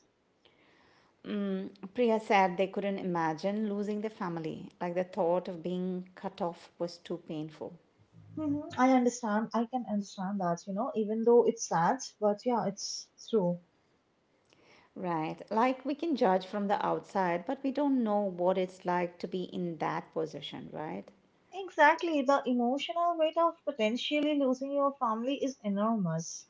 Mm, Priya said they couldn't imagine losing their family. Like the thought of being cut off was too painful.
hmm I understand. I can understand that, you know, even though it's sad, but yeah, it's true.
Right. Like we can judge from the outside, but we don't know what it's like to be in that position, right?
Exactly. The emotional weight of potentially losing your family is enormous.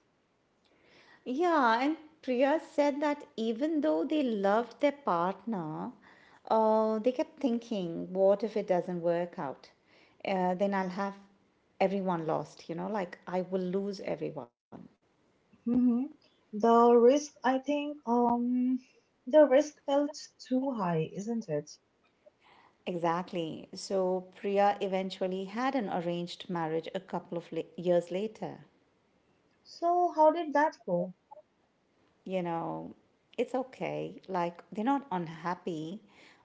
Yeah, and Priya said that even though they loved their partner, uh, they kept thinking, what if it doesn't work out? Uh, then I'll have everyone lost, you know, like I will lose everyone.
hmm The risk, I think, um, the risk felt too high, isn't it?
Exactly. So Priya eventually had an arranged marriage a couple of la- years later.
So how did that go?
You know, it's okay. Like they're not unhappy,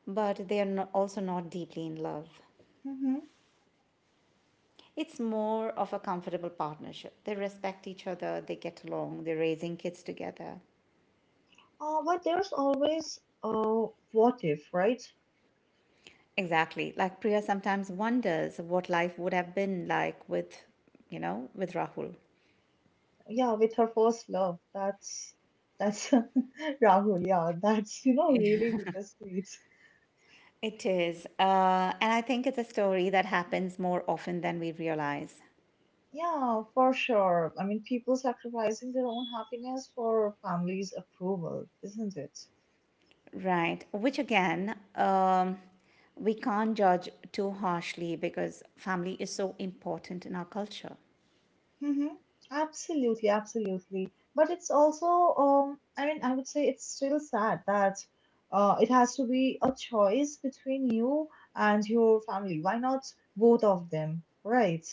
but they are no- also not deeply in love.
hmm
It's more of a comfortable partnership. They respect each other, they get along, they're raising kids together.
Uh, but there's always uh, what if, right?
Exactly. Like Priya sometimes wonders what life would have been like with, you know, with Rahul.
Yeah, with her first love, that's that's Rahul. Yeah, that's you know really bittersweet.
It is. Uh, and I think it's a story that happens more often than we realize.
Yeah, for sure. I mean, people sacrificing their own happiness for family's approval, isn't it?
Right. Which again, um, we can't judge too harshly because family is so important in our culture.
Mm-hmm. Absolutely, absolutely. But it's also, um, I mean, I would say it's still sad that uh, it has to be a choice between you and your family. Why not both of them, right?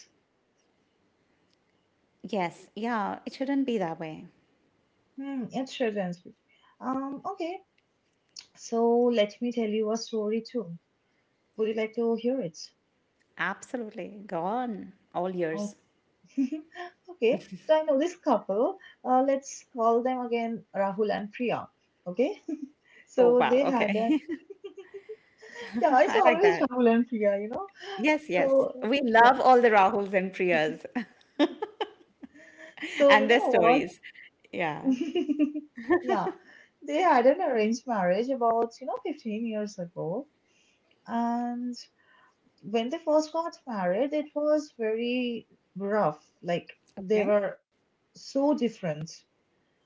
Yes. Yeah. It shouldn't be that way.
Hmm, it shouldn't be. Um, okay, so let me tell you a story too. Would you like to hear it?
Absolutely. Go on. All
Oh,
yours.
okay. So I know this couple. Uh, let's call them again Rahul and Priya. Okay,
Oh,
so
wow.
they had an.
Okay.
Yeah, it's
I like
always
that.
Rahul and Priya, you know.
Yes, yes.
So
We
yeah,
love all the Rahuls and Priyas
so you
and their
know what?
stories. Yeah.
Yeah, they had an arranged marriage about you know fifteen years ago, and when they first got married, it was very rough. Like they
Okay.
were so different.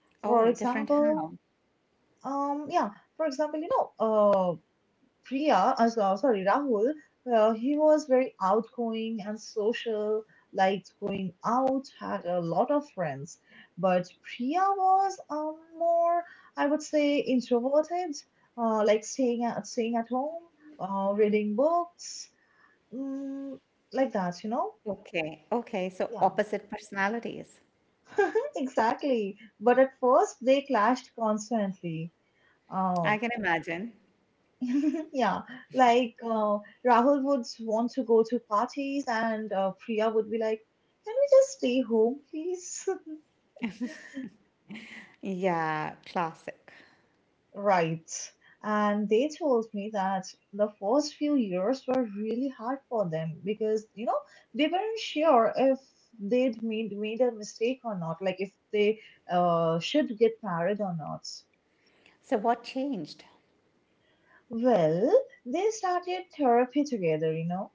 Oh,
For
different how?
example, um, yeah, for example, you know, uh. Priya, as uh, sorry, Rahul, uh, he was very outgoing and social, liked going out, had a lot of friends. But Priya was um, more, I would say, introverted, uh, like staying at, staying at home, uh, reading books, mm, like that, you know?
Okay. Okay. So
Yeah,
opposite personalities.
exactly. But at first, they clashed constantly.
I
Um.
can imagine.
Yeah, like uh, Rahul would want to go to parties, and uh, Priya would be like, "Can we just stay home, please?"
Yeah, classic.
Right. And they told me that the first few years were really hard for them because, you know, they weren't sure if they'd made, made a mistake or not, like if they uh, should get married or not.
So what changed?
Well, they started therapy together, you know.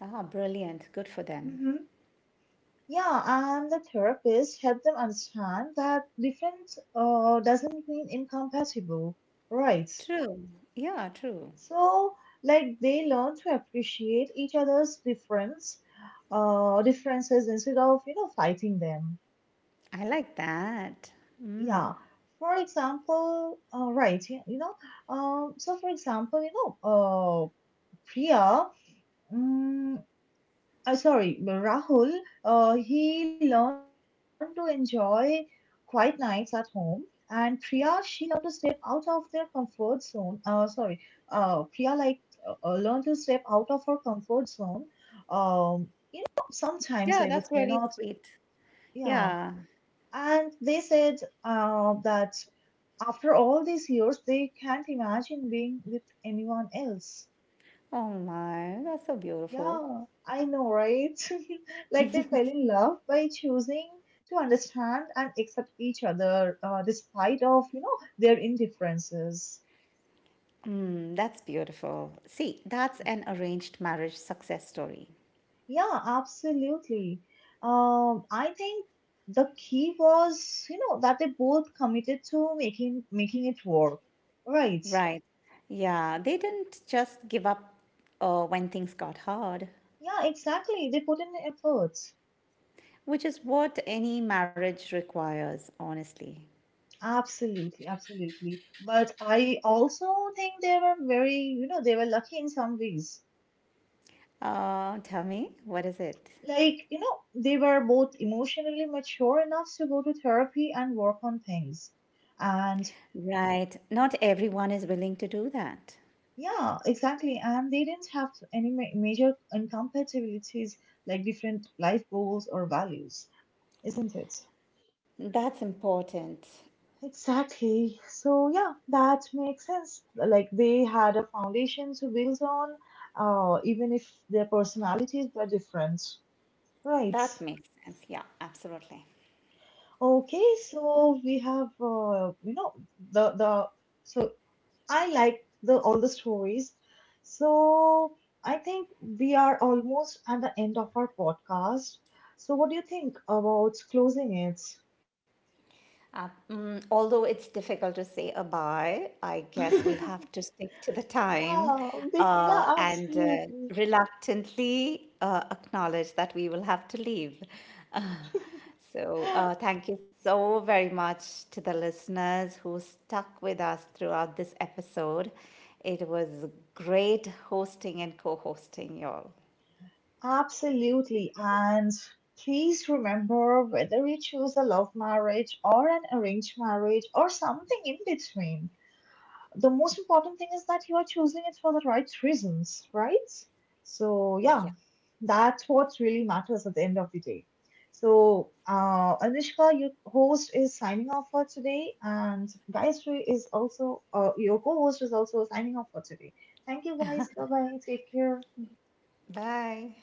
Ah, brilliant. Good for them.
Mm-hmm. Yeah, and the therapist help them understand that different uh, doesn't mean incompatible, right?
True. Yeah, true.
So, like they learn to appreciate each other's difference, uh, differences instead of you know fighting them.
I like that.
Yeah. For example, uh, right? You you know, um. So for example, you know, uh, Priya. Mm Uh, sorry, Rahul, uh, he learned to enjoy quiet nights at home, and Priya, she learned to step out of their comfort zone. Uh, sorry, uh, Priya like uh, uh, learned to step out of her comfort zone. Um, you know, sometimes I
Yeah,
would
that's
say
really
not,
sweet.
yeah.
Yeah.
And they said uh, that after all these years, they can't imagine being with anyone else.
Oh my, that's so beautiful.
Yeah, I know, right? Like they fell in love by choosing to understand and accept each other, uh, despite of, you know, their indifferences.
Mm, that's beautiful. See, that's an arranged marriage success story.
Yeah, absolutely. Um, I think the key was, you know, that they both committed to making making it work. Right.
Right. Yeah, they didn't just give up uh, when things got hard,
Yeah, exactly. They put in the effort.
which is what any marriage requires, honestly.
Absolutely, absolutely. But I also think they were very, you know, they were lucky in some ways
Uh, tell me, what is it?
like you know they were both emotionally mature enough to go to therapy and work on things and
Right. Not everyone is willing to do that.
yeah exactly and they didn't have any ma- major incompatibilities like different life goals or values, isn't it?
That's important.
Exactly, so yeah, that makes sense. Like they had a foundation to build on, uh, even if their personalities were different, right?
That makes sense. Yeah, absolutely.
Okay, so we have uh, you know the the so I like the all the stories. So I think we are almost at the end of our podcast. So what do you think about closing it?
Uh, mm, although it's difficult to say a bye, I guess we'll have to stick to the time
Yeah, big, yeah,
uh, and uh,
absolutely.
reluctantly uh, acknowledge that we will have to leave. Uh, so, uh, thank you so very much to the listeners who stuck with us throughout this episode. It was great hosting and co hosting, y'all.
Absolutely. And please remember, whether you choose a love marriage or an arranged marriage or something in between, the most important thing is that you are choosing it for the right reasons, right? So, yeah,
Yeah.
that's what really matters at the end of the day. So, uh, Anushka, your host is signing off for today, and Gayatri is also, uh, your co host is also signing off for today. Thank you guys. Bye bye. Take care.
Bye.